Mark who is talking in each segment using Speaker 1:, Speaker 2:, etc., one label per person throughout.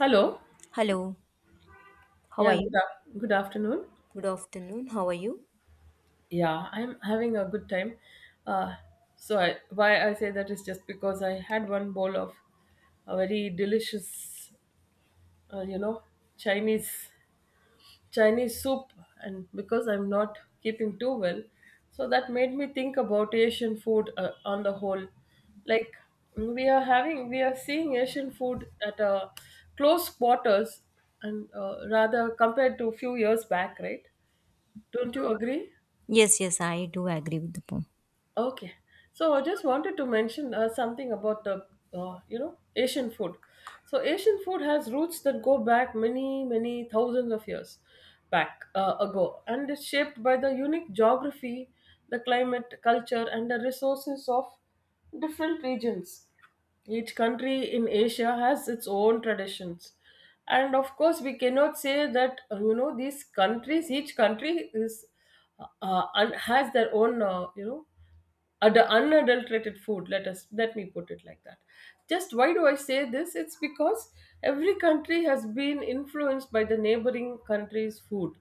Speaker 1: Hello.
Speaker 2: Hello, how are
Speaker 1: Yeah, good,
Speaker 2: you?
Speaker 1: good afternoon.
Speaker 2: Good afternoon, how are you?
Speaker 1: Yeah, I'm having a good time. Uh, why I say that is just because I had one bowl of a very delicious, uh, you know, Chinese Chinese soup, and because I'm not keeping too well, so that made me think about Asian food on the whole. Like we are seeing Asian food at a close quarters, and rather compared to a few years back, right? Don't you agree?
Speaker 2: Yes, yes, I do agree with the point.
Speaker 1: Okay, so I just wanted to mention something about the Asian food. So Asian food has roots that go back many thousands of years back ago, and is shaped by the unique geography, the climate, culture, and the resources of different regions. Each country in Asia has its own traditions, and of course, we cannot say that these countries. Each country is has their own unadulterated food, let us, let me put it like that. Just why do I say this? It's because every country has been influenced by the neighboring country's food.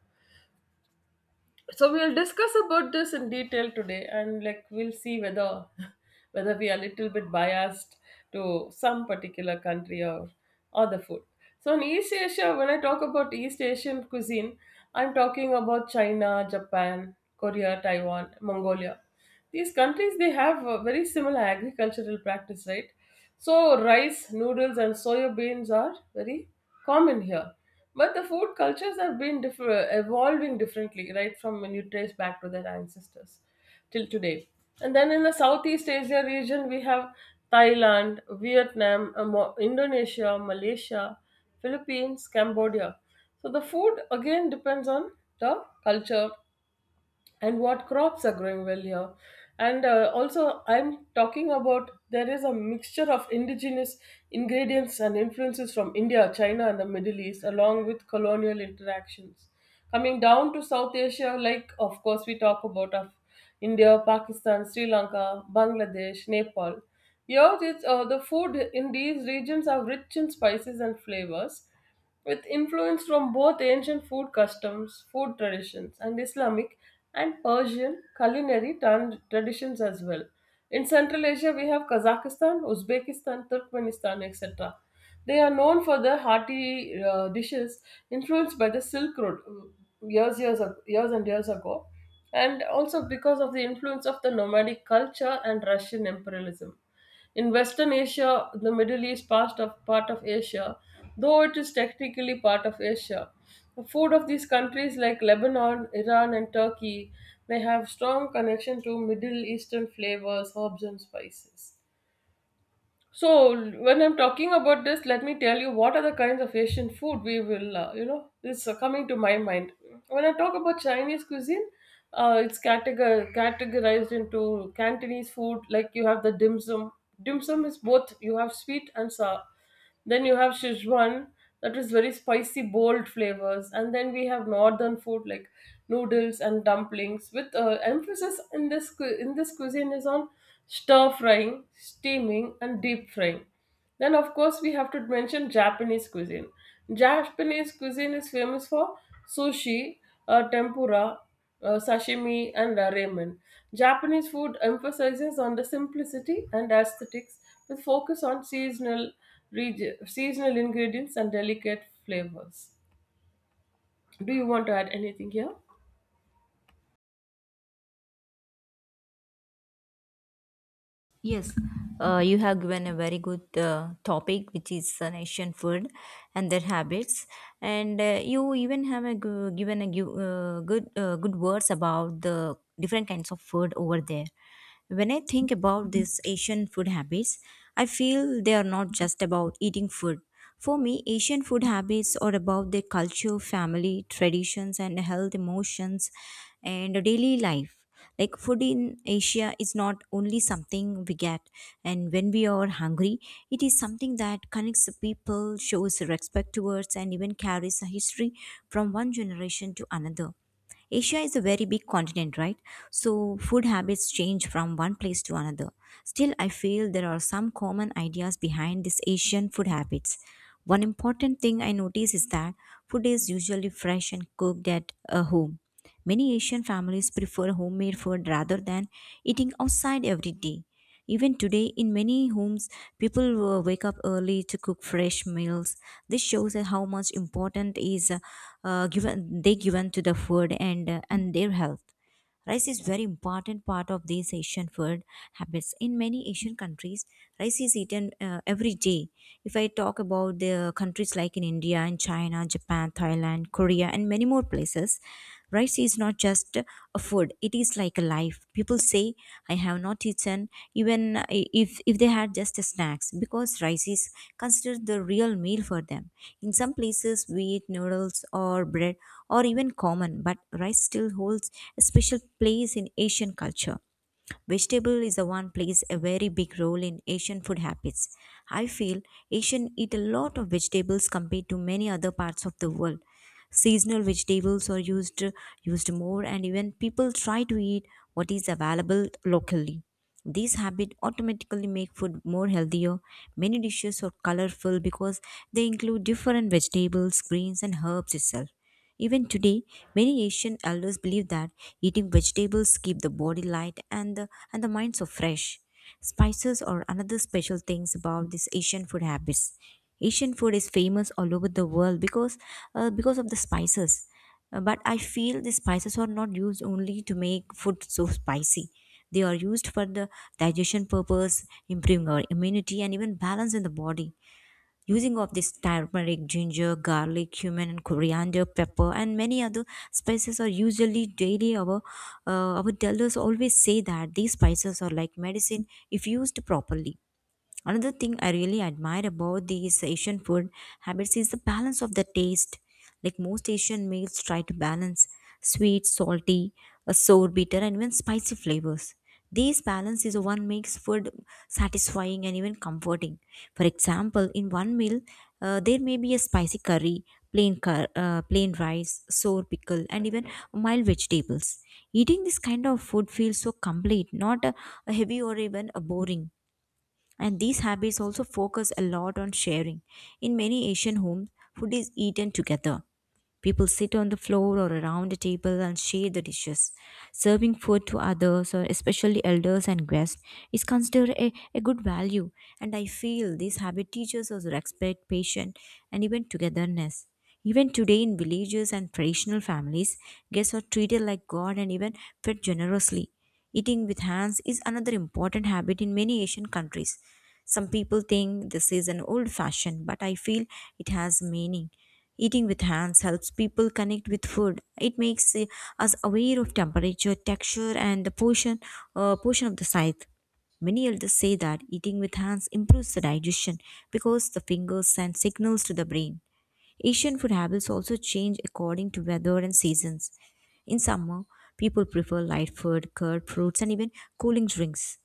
Speaker 1: So we'll discuss about this in detail today, and like we'll see whether whether we are a little bit biased to some particular country or other food. So in East Asia, when I talk about East Asian cuisine, I'm talking about China, Japan, Korea, Taiwan, Mongolia. These countries, they have a very similar agricultural practice, right? So rice, noodles, and soya beans are very common here. But the food cultures have been evolving differently, right? From when you trace back to their ancestors till today. And then in the Southeast Asia region, we have Thailand, Vietnam, Indonesia, Malaysia, Philippines, Cambodia. So the food again depends on the culture and what crops are growing well here, and also I'm talking about there is a mixture of indigenous ingredients and influences from India, China, and the Middle East, along with colonial interactions. Coming down to South Asia, like of course we talk about of India, Pakistan, Sri Lanka, Bangladesh, Nepal. Here it's, the food in these regions are rich in spices and flavors, with influence from both ancient food customs, food traditions, and Islamic and Persian culinary traditions as well. In Central Asia, we have Kazakhstan, Uzbekistan, Turkmenistan, etc. They are known for their hearty dishes influenced by the Silk Road years and years ago, and also because of the influence of the nomadic culture and Russian imperialism. In Western Asia, the Middle East part of Asia, though it is technically part of Asia, the food of these countries like Lebanon, Iran, and Turkey may have strong connection to Middle Eastern flavors, herbs, and spices. So when I'm talking about this, let me tell you what are the kinds of Asian food we will, you know, it's coming to my mind. When I talk about Chinese cuisine, it's categorized into Cantonese food. Like you have the dim sum. Dim sum is both, you have sweet and sour. Then you have Sichuan, that is very spicy, bold flavors. And then we have northern food like noodles and dumplings, with emphasis in this in this cuisine is on stir frying, steaming, and deep frying. Then, of course, we have to mention Japanese cuisine. Japanese cuisine is famous for sushi, tempura, sashimi, and ramen. Japanese food emphasizes on the simplicity and aesthetics, with focus on seasonal seasonal ingredients and delicate flavors. Do you want to add anything here?
Speaker 2: Yes, you have given a very good topic, which is Asian food and their habits, and you even have a gu- given a gu- good good words about the different kinds of food over there. When I think about these Asian food habits, I feel they are not just about eating food. For me, Asian food habits are about their culture, family, traditions, and health, emotions, and daily life. Like food in Asia is not only something we get and when we are hungry, it is something that connects the people, shows respect towards, and even carries a history from one generation to another. Asia is a very big continent, right? So food habits change from one place to another. Still, I feel there are some common ideas behind these Asian food habits. One important thing I notice is that food is usually fresh and cooked at a home. Many Asian families prefer homemade food rather than eating outside every day. Even today, in many homes, people wake up early to cook fresh meals. This shows that how much important is given they given to the food and their health. Rice is very important part of these Asian food habits. In many Asian countries, rice is eaten every day. If I talk about the countries like in India and China, Japan, Thailand, Korea, and many more places, rice is not just a food, it is like a life. People say I have not eaten even if they had just snacks because rice is considered the real meal for them. In some places we eat noodles or bread or even common, but rice still holds a special place in Asian culture. Vegetable is the one plays a very big role in Asian food habits. I feel Asian eat a lot of vegetables compared to many other parts of the world. Seasonal vegetables are used more and even people try to eat what is available locally. This habit automatically make food more healthier. Many dishes are colorful because they include different vegetables, greens and herbs itself. Even today, many Asian elders believe that eating vegetables keep the body light and the mind so fresh. Spices are another special things about these Asian food habits. Asian food is famous all over the world because of the spices. But I feel the spices are not used only to make food so spicy. They are used for the digestion purpose, improving our immunity and even balance in the body, using of this turmeric, ginger, garlic, cumin and coriander, pepper and many other spices are usually daily our tellers always say that these spices are like medicine if used properly. Another thing I really admire about these Asian food habits is the balance of the taste. Like most Asian meals try to balance sweet, salty, sour, bitter, and even spicy flavors. This balance is what makes food satisfying and even comforting. For example, in one meal, there may be a spicy curry, plain rice, sour pickle, and even mild vegetables. Eating this kind of food feels so complete, not a heavy or even a boring. And these habits also focus a lot on sharing. In many Asian homes, food is eaten together. People sit on the floor or around a table and share the dishes. Serving food to others, or especially elders and guests, is considered a good value. And I feel this habit teaches us respect, patience, and even togetherness. Even today, in villages and traditional families, guests are treated like God and even fed generously. Eating with hands is another important habit in many Asian countries. Some people think this is an old fashioned, but I feel it has meaning. Eating with hands helps people connect with food. It makes us aware of temperature, texture, and the portion of the scythe. Many elders say that eating with hands improves the digestion because the fingers send signals to the brain. Asian food habits also change according to weather and seasons. In summer, people prefer light food, curd, fruits, and even cooling drinks.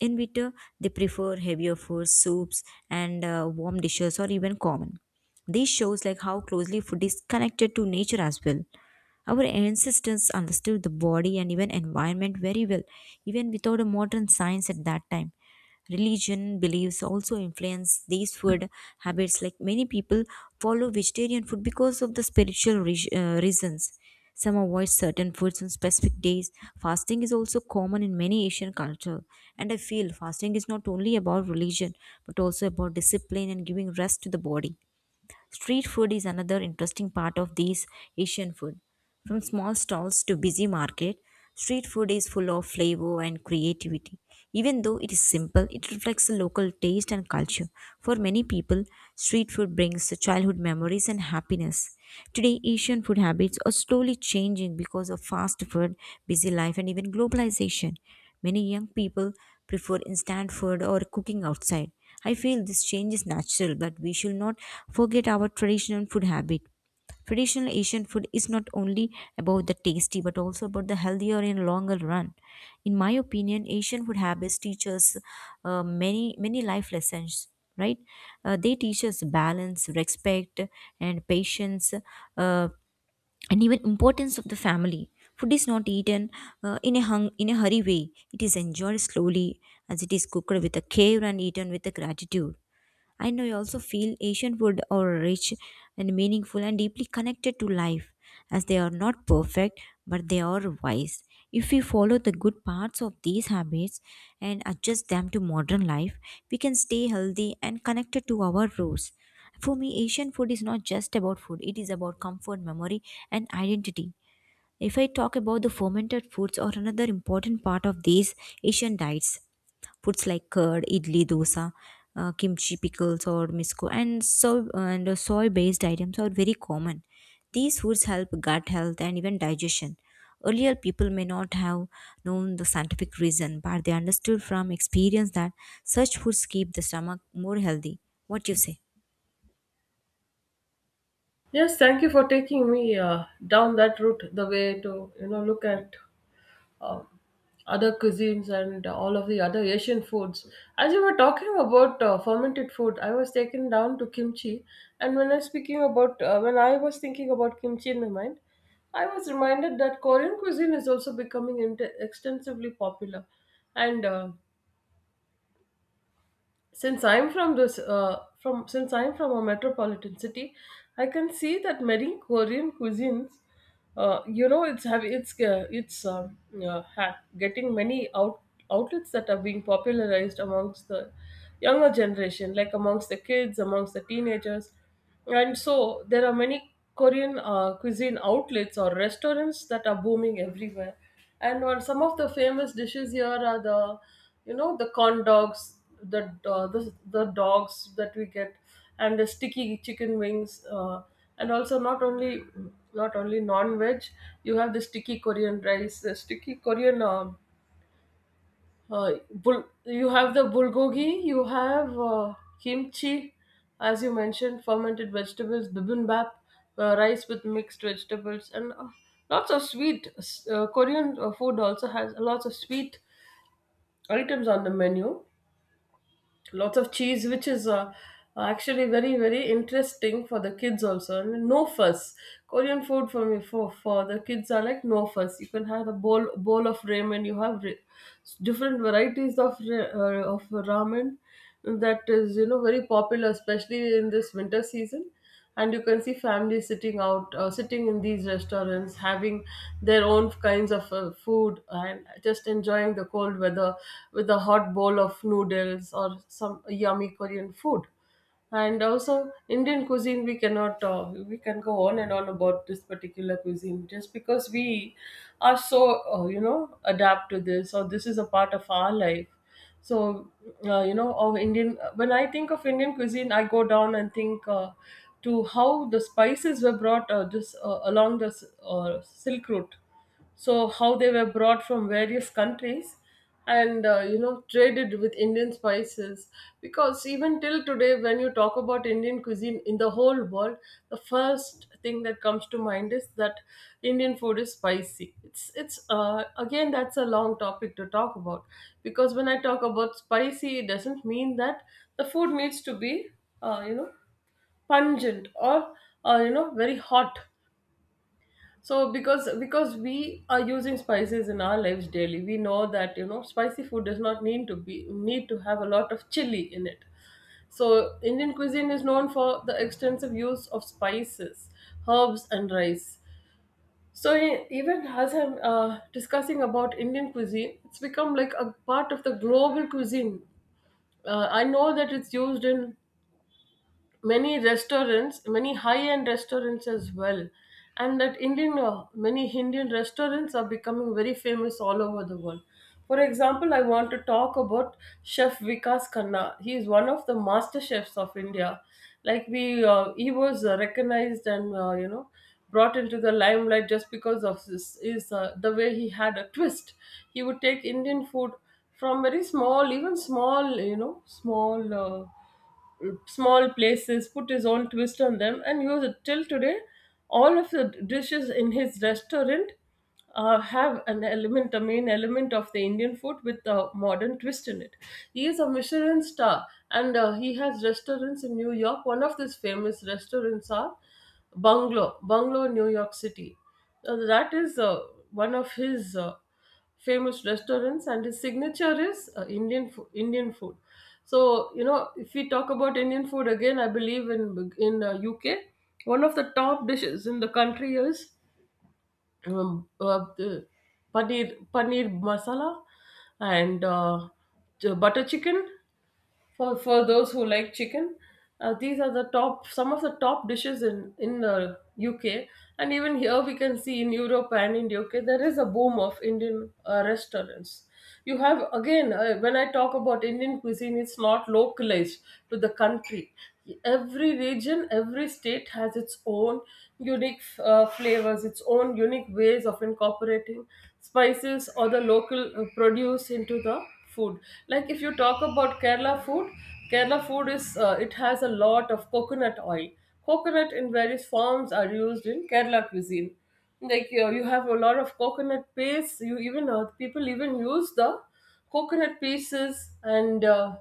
Speaker 2: In winter, they prefer heavier foods, soups, and warm dishes, or even common. This shows like how closely food is connected to nature as well. Our ancestors understood the body and even environment very well, even without a modern science at that time. Religion beliefs also influence these food habits. Like many people follow vegetarian food because of the spiritual reasons. Some avoid certain foods on specific days. Fasting is also common in many Asian culture, and I feel fasting is not only about religion but also about discipline and giving rest to the body. Street food is another interesting part of these Asian food. From small stalls to busy market, street food is full of flavor and creativity. Even though it is simple, it reflects the local taste and culture. For many people, street food brings childhood memories and happiness. Today, Asian food habits are slowly changing because of fast food, busy life, and even globalization. Many young people prefer instant food or cooking outside. I feel this change is natural, but we should not forget our traditional food habit. Traditional Asian food is not only about the tasty but also about the healthier in longer run. In my opinion, Asian food habits teach us many many life lessons. Right? They teach us balance, respect, and patience, and even importance of the family. Food is not eaten in a hurry way. It is enjoyed slowly as it is cooked with a care and eaten with a gratitude. And I also feel Asian food are rich and meaningful and deeply connected to life, as they are not perfect, but they are wise. If we follow the good parts of these habits and adjust them to modern life, we can stay healthy and connected to our roots. For me, Asian food is not just about food, it is about comfort, memory, and identity. If I talk about the fermented foods, are another important part of these Asian diets. Foods like curd, idli, dosa, kimchi, pickles, or misko, and so and soy-based items are very common. These foods help gut health and even digestion. Earlier, people may not have known the scientific reason, but they understood from experience that such foods keep the stomach more healthy. What you say?
Speaker 1: Yes, thank you for taking me down that route. The way to, you know, look at um, other cuisines and all of the other Asian foods. As you were talking about fermented food, I was taken down to kimchi, and when I was speaking about when I was thinking about kimchi in my mind, I was reminded that Korean cuisine is also becoming int extensively popular, and since I'm from this from since I'm from a metropolitan city, I can see that many Korean cuisines you know it's have it's ha- getting many outlets that are being popularized amongst the younger generation, like amongst the kids, amongst the teenagers. And so there are many Korean cuisine outlets or restaurants that are booming everywhere. And some of the famous dishes here are, the, you know, the corn dogs, the the dogs that we get, and the sticky chicken wings. And also not only non-veg, you have the sticky Korean rice, the sticky Korean you have the bulgogi, you have kimchi, as you mentioned, fermented vegetables, bibimbap, rice with mixed vegetables, and lots of sweet. Korean food also has lots of sweet items on the menu, lots of cheese, which is actually very interesting for the kids also. And no fuss Korean food for me, for the kids, are like no fuss. You can have a bowl of ramen. You have different varieties of of ramen, that is, you know, very popular especially in this winter season. And you can see families sitting in these restaurants having their own kinds of food and just enjoying the cold weather with a hot bowl of noodles or some yummy Korean food. And also Indian cuisine, we cannot we can go on and on about this particular cuisine just because we are so adapt to this, or this is a part of our life. So you know of indian when I think of Indian cuisine, I go down and think to how the spices were brought just along the silk route. So how they were brought from various countries and traded with Indian spices. Course, even till today, when you talk about Indian cuisine in the whole world, the first thing that comes to mind is that Indian food is spicy. It's Again, that's a long topic to talk about, because when I talk about spicy, it doesn't mean that the food needs to be uh, you know pungent or very hot. So because we are using spices in our lives daily, we know that, you know, spicy food does not need to have a lot of chili in it. So, Indian cuisine is known for the extensive use of spices, herbs, and rice. So, even as I'm discussing about Indian cuisine, it's become like a part of the global cuisine. I know that it's used in many restaurants, many high end restaurants as well, and that Indian many Indian restaurants are becoming very famous all over the world. For example, I want to talk about Chef Vikas Khanna. He is one of the master chefs of India. Like we he was recognized and, brought into the limelight just because of this, is the way he had a twist. He would take Indian food from very small, even small, small places, put his own twist on them, and use it till today. All of the dishes in his restaurant have an element, a main element of the Indian food with a modern twist in it. He is a Michelin star, and he has restaurants in New York. One of his famous restaurants are Bungalow, Bungalow, New York City. That is one of his. Famous restaurants, and his signature is Indian food. So you know, if we talk about Indian food again, I believe in UK one of the top dishes in the country is the paneer masala and butter chicken, for those who like chicken. Uh, these are the top, some of the top dishes in UK. And even here we can see in Europe and in UK there is a boom of Indian restaurants. You have again, when I talk about Indian cuisine, it's not localized to the country. Every region, every state has its own unique flavors, its own unique ways of incorporating spices or the local produce into the food. Like if you talk about Kerala food, Kerala food is, it has a lot of coconut oil. Coconut in various forms are used in Kerala cuisine. Like you have a lot of coconut paste. You even people even use the coconut pieces, and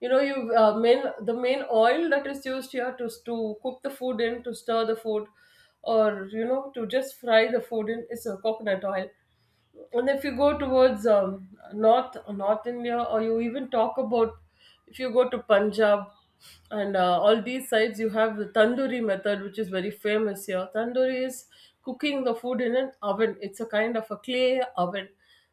Speaker 1: you know you main the main oil that is used here to cook the food in, to stir the food, or you know, to just fry the food in, is a coconut oil. And if you go towards north India, or you even talk about, if you go to Punjab and all these sides, you have the tandoori method, which is very famous here. Tandoori is cooking the food in an oven. It's a kind of a clay oven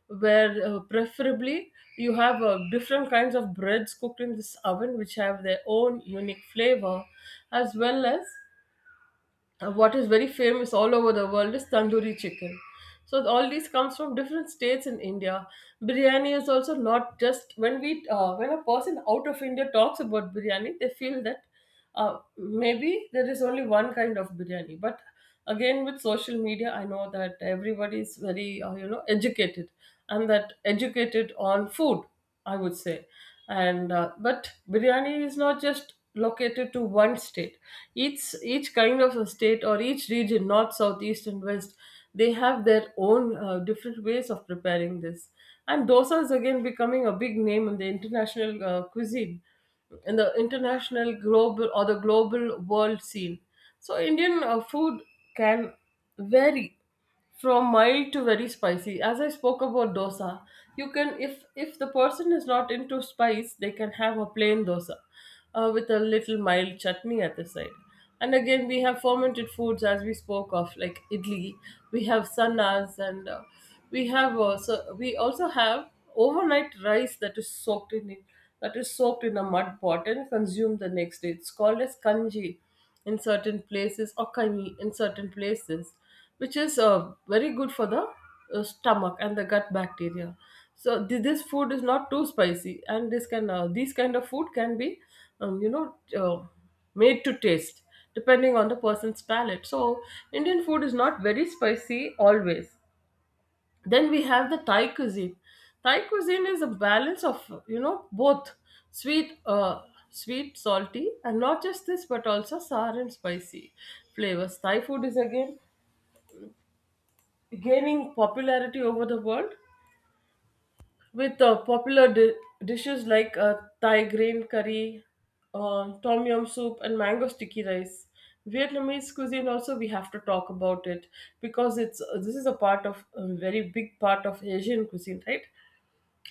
Speaker 1: where preferably you have different kinds of breads cooked in this oven which have their own unique flavor, as well as, what is very famous all over the world is tandoori chicken. So all these comes from different states in India. Biryani is also not just when we, when a person out of India talks about biryani, they feel that uh, maybe there is only one kind of biryani. But again, with social media, I know that everybody is very you know, educated, and that educated on food, I would say. And but biryani is not just located to one state. Each kind of a state, or each region, north, south, east and west, they have their own different ways of preparing this. And dosa is again becoming a big name in the international cuisine, in the international global, or the global world scene. So Indian food can vary from mild to very spicy. As I spoke about dosa, you can, if the person is not into spice, they can have a plain dosa with a little mild chutney at the side. And again, we have fermented foods as we spoke of, like idli. We have sannas, and we also have overnight rice that is soaked in it, that is soaked in a mud pot and consumed the next day. It's called as kanji in certain places, or kami in certain places, which is very good for the stomach and the gut bacteria. So this food is not too spicy, and this can, these kind of food can be um, you know uh, made to taste depending on the person's palate. So Indian food is not very spicy always. Then we have the Thai cuisine. Thai cuisine is a balance of, you know, both sweet, sweet, salty, and not just this, but also sour and spicy flavors. Thai food is again gaining popularity over the world with popular dishes like Thai green curry, tom yum soup, and mango sticky rice. Vietnamese cuisine also we have to talk about, it because it's, this is a part of a very big part of Asian cuisine, right?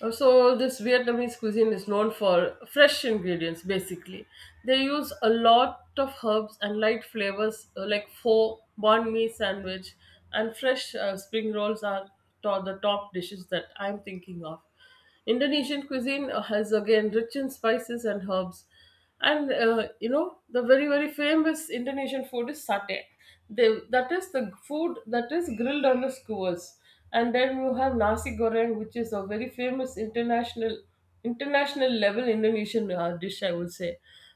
Speaker 1: So this Vietnamese cuisine is known for fresh ingredients basically. They use a lot of herbs and light flavors, like pho, banh mi sandwich, and fresh spring rolls are the top dishes that I'm thinking of. Indonesian cuisine has again rich in spices and herbs. And you know, the very very famous Indonesian food is satay. They, that is the food that is grilled on the skewers. And then you have nasi goreng, which is a very famous international, international level Indonesian dish, I would say,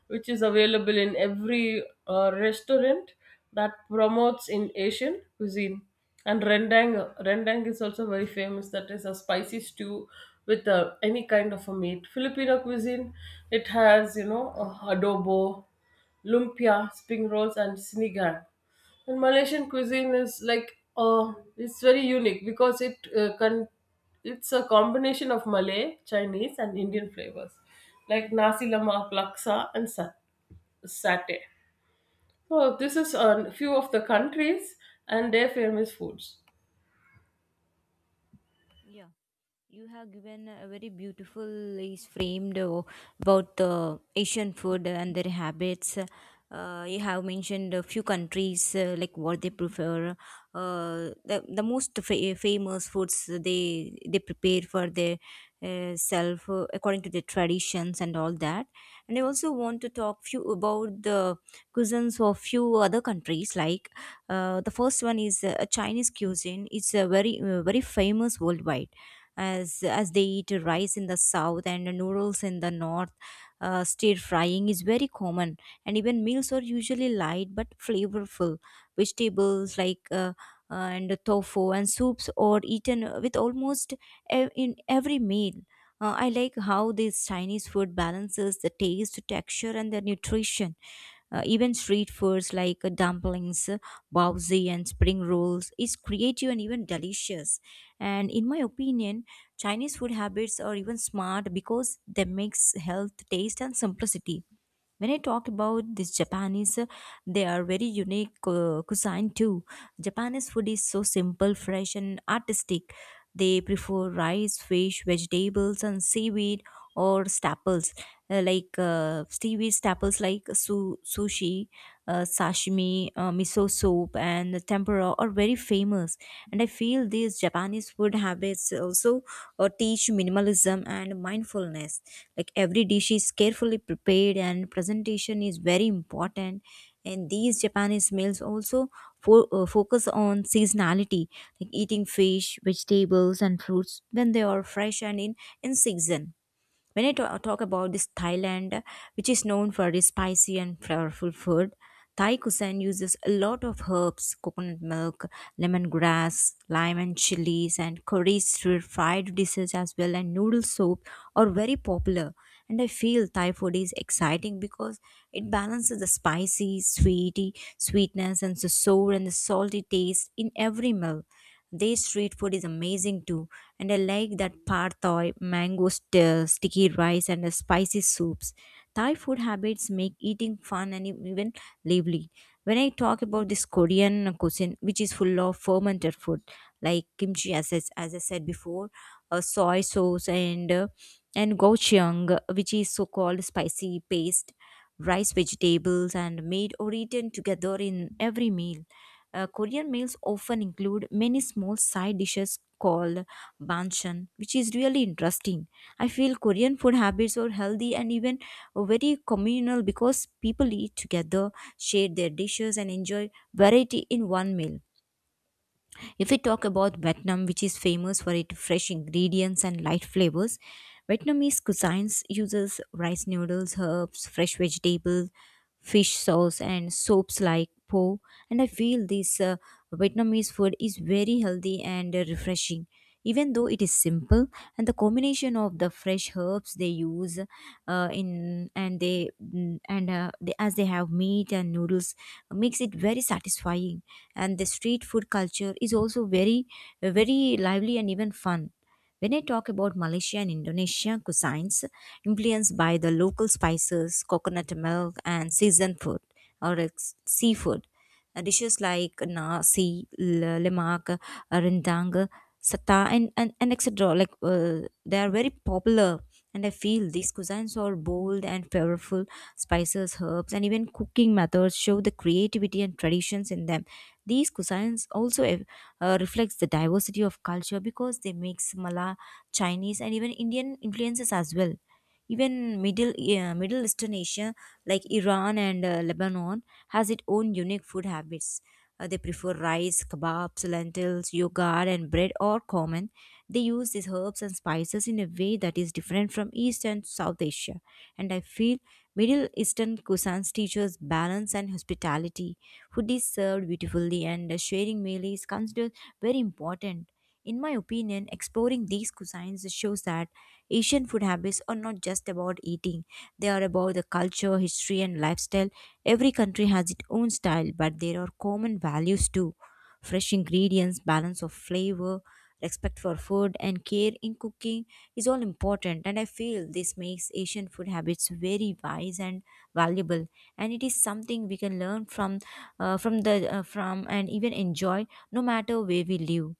Speaker 1: which is available in every restaurant that promotes in Asian cuisine. And rendang, rendang is also very famous. That is a spicy stew with any kind of a meat. Filipino cuisine, it has, you know, adobo, lumpia, spring rolls, and sinigang. And Malaysian cuisine is like, it's very unique because it can, it's a combination of Malay, Chinese, and Indian flavors, like nasi lemak, laksa, and satay. Oh, this is a few of the countries and their famous foods.
Speaker 2: Yeah. You have given a very beautiful is framed about the Asian food and their habits. You have mentioned a few countries like what they prefer. The most famous foods they prepare for their self according to their traditions and all that. And I also want to talk few about the cuisines of few other countries, like the first one is Chinese cuisine. It's a very famous worldwide as they eat rice in the south and noodles in the north. Stir frying is very common, and even meals are usually light but flavorful. Vegetables like and tofu and soups are eaten with almost in every meal. I like how this Chinese food balances the taste, texture, and the nutrition. Even street foods like dumplings, bowzi, and spring rolls is creative and even delicious. And in my opinion, Chinese food habits are even smart because they mix health, taste, and simplicity. When I talk about this Japanese, they are very unique cuisine too. Japanese food is so simple, fresh and artistic. They prefer rice, fish, vegetables and seaweed or staples, like seaweed staples like su- sushi, sashimi, miso soup, and tempura are very famous. And I feel these Japanese food habits also teach minimalism and mindfulness. Like every dish is carefully prepared, and presentation is very important. And these Japanese meals also focus on seasonality, like eating fish, vegetables, and fruits when they are fresh and in season. When I talk about this Thailand, which is known for its spicy and flavorful food, Thai cuisine uses a lot of herbs, coconut milk, lemongrass, lime and chilies, and curries through fried dishes as well, and noodle soup are very popular. And I feel Thai food is exciting because it balances the spicy, sweetness, and the sour and the salty taste in every meal. Their street food is amazing too, and I like that pad thai, mango sticky rice, and the spicy soups. Thai food habits make eating fun and even lively. When I talk about this Korean cuisine, which is full of fermented food like kimchi, as I said before, soy sauce, and gochujang, which is so called spicy paste rice, vegetables, and made or eaten together in every meal. Korean meals often include many small side dishes called banchan, which is really interesting. I feel Korean food habits are healthy and even very communal because people eat together, share their dishes, and enjoy variety in one meal. If we talk about Vietnam, which is famous for its fresh ingredients and light flavors, Vietnamese cuisines uses rice noodles, herbs, fresh vegetables, fish sauce, and soaps like po. And I feel this Vietnamese food is very healthy and refreshing. Even though it is simple, and the combination of the fresh herbs they use in and they mm, and they, as they have meat and noodles makes it very satisfying, and the street food culture is also very lively and even fun. When I talk about Malaysia and Indonesia cuisines influenced by the local spices, coconut milk, and seasoned food or seafood, dishes like nasi, lemak, rendang, sata, and etc. Like, they are very popular, and I feel these cuisines are bold and flavorful. Spices, herbs, and even cooking methods show the creativity and traditions in them. These cuisines also reflects the diversity of culture because they mix Malay, Chinese, and even Indian influences as well. Even middle eastern asia like Iran and Lebanon has its own unique food habits. They prefer rice, kebabs, lentils, yogurt, and bread are common. They use these herbs and spices in a way that is different from East and South Asia. And I feel Middle Eastern cuisines teaches balance and hospitality. Food is served beautifully, and a sharing meal is considered very important. In my opinion, exploring these cuisines shows that Asian food habits are not just about eating. They are about the culture, history, and lifestyle. Every country has its own style, but there are common values too: fresh ingredients, balance of flavor, respect for food, and care in cooking is all important. And I feel this makes Asian food habits very wise and valuable. And it is something we can learn from the from and even enjoy no matter where we live.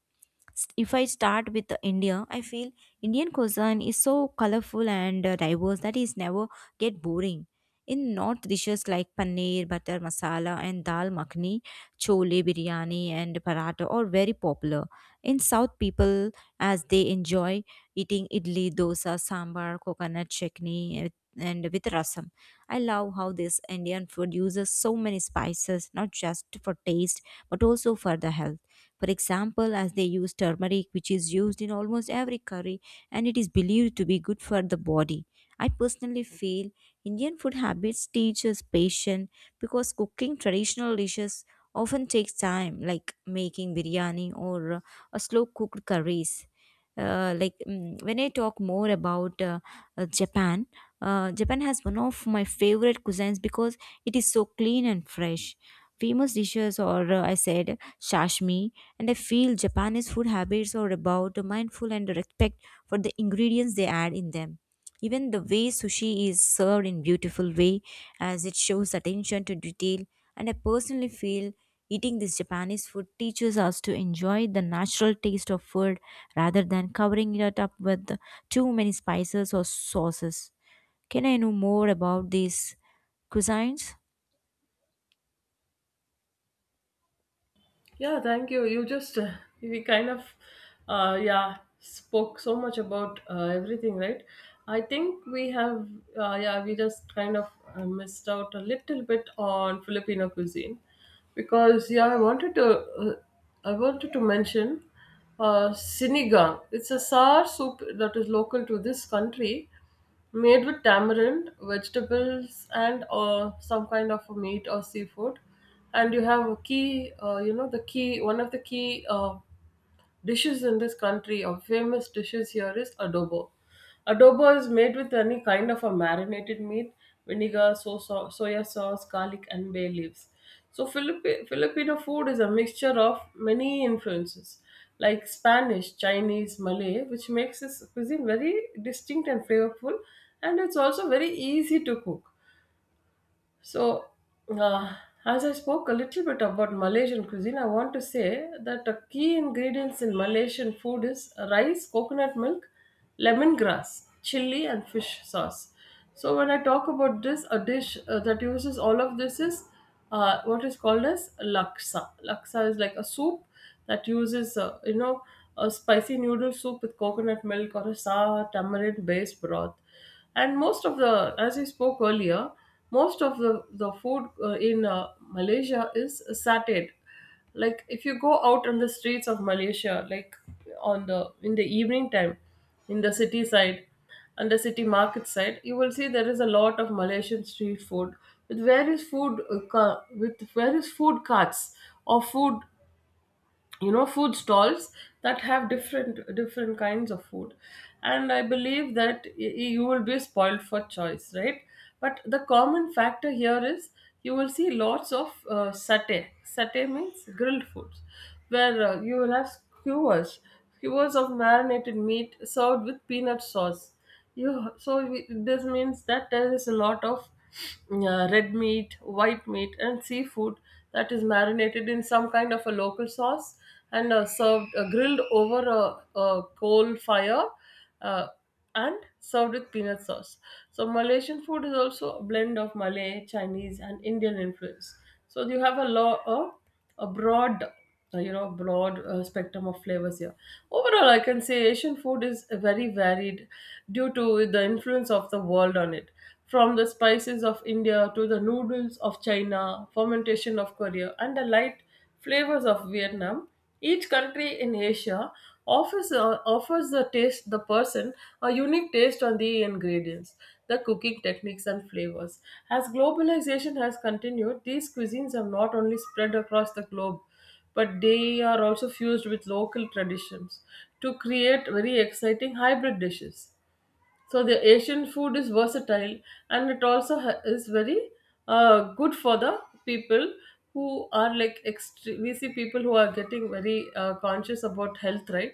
Speaker 2: If I start with the India, I feel Indian cuisine is so colorful and diverse that is never get boring. In North, dishes like paneer, butter masala, and dal makhni, chole biryani, and paratha are very popular. In South, people as they enjoy eating idli, dosa, sambar, coconut chutney, and with rasam. I love how this Indian food uses so many spices, not just for taste but also for the health. For example, as they use turmeric, which is used in almost every curry and it is believed to be good for the body. I personally feel Indian food habits teach us patience because cooking traditional dishes often takes time, like making biryani or a slow cooked curries. When I talk more about Japan, Japan has one of my favorite cuisines because it is so clean and fresh. Famous dishes are, I said, sashimi, and I feel Japanese food habits are about mindful and respect for the ingredients they add in them. Even the way sushi is served in beautiful way as it shows attention to detail, and I personally feel eating this Japanese food teaches us to enjoy the natural taste of food rather than covering it up with too many spices or sauces. Can I know more about these cuisines?
Speaker 1: Yeah, thank you. You just we kind of yeah, spoke so much about everything, right? I think we have yeah, we just kind of missed out a little bit on Filipino cuisine because, yeah, I wanted to mention sinigang. It's a sour soup that is local to this country, made with tamarind, vegetables, and some kind of a meat or seafood. And you have a key, you know, the key, one of the key dishes in this country, a famous dishes here is adobo. Adobo is made with any kind of a marinated meat, vinegar, soya sauce, garlic, and bay leaves. So Filipino food is a mixture of many influences like Spanish, Chinese, Malay, which makes this cuisine very distinct and flavorful, and it's also very easy to cook. So, uh, as I spoke a little bit about Malaysian cuisine, I want to say that the key ingredients in Malaysian food is rice, coconut milk, lemongrass, chili, and fish sauce. So, when I talk about this, a dish that uses all of this is what is called as laksa. Laksa is like a soup that uses, you know, a spicy noodle soup with coconut milk or a sour tamarind based broth. And most of the, as I spoke earlier, most of the food in Malaysia is satay. Like if you go out on the streets of Malaysia, like on the, in the evening time, in the city side and the city market side, you will see there is a lot of Malaysian street food with various food with various food carts or food, you know, food stalls that have different different kinds of food. And I believe that you will be spoiled for choice, right? But the common factor here is you will see lots of satay. Satay means grilled foods where you will have skewers, skewers of marinated meat served with peanut sauce. You, so we, this means that there is a lot of red meat, white meat, and seafood that is marinated in some kind of a local sauce and served grilled over a coal fire, uh, and served with peanut sauce. So Malaysian food is also a blend of Malay, Chinese, and Indian influence. So you have a lot of a broad broad spectrum of flavors here. Overall, I can say Asian food is very varied due to the influence of the world on it. From the spices of India, to the noodles of China, fermentation of Korea, and the light flavors of Vietnam, each country in Asia offers offers the taste, the person a unique taste on the ingredients, the cooking techniques and flavors. As globalization has continued, these cuisines have not only spread across the globe, but they are also fused with local traditions to create very exciting hybrid dishes. So the Asian food is versatile, and it also is very good for the people who are like, we see people who are getting very conscious about health, right?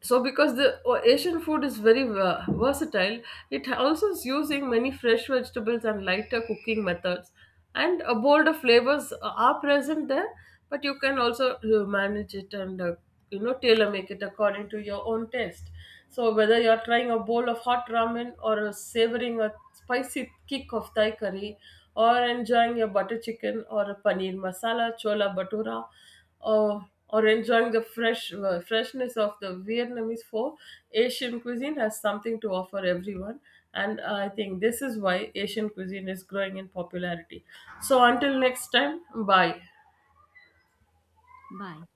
Speaker 1: So because the Asian food is very versatile, it also is using many fresh vegetables and lighter cooking methods, and a bolder flavors are present there. But you can also manage it and you know, tailor make it according to your own taste. So whether you're trying a bowl of hot ramen, or a savoring a spicy kick of Thai curry, or enjoying your butter chicken, or a paneer masala chola bhatura, or enjoying the fresh freshness of the Vietnamese food, Asian cuisine has something to offer everyone, and I think this is why Asian cuisine is growing in popularity. So until next time, bye.
Speaker 2: Bye.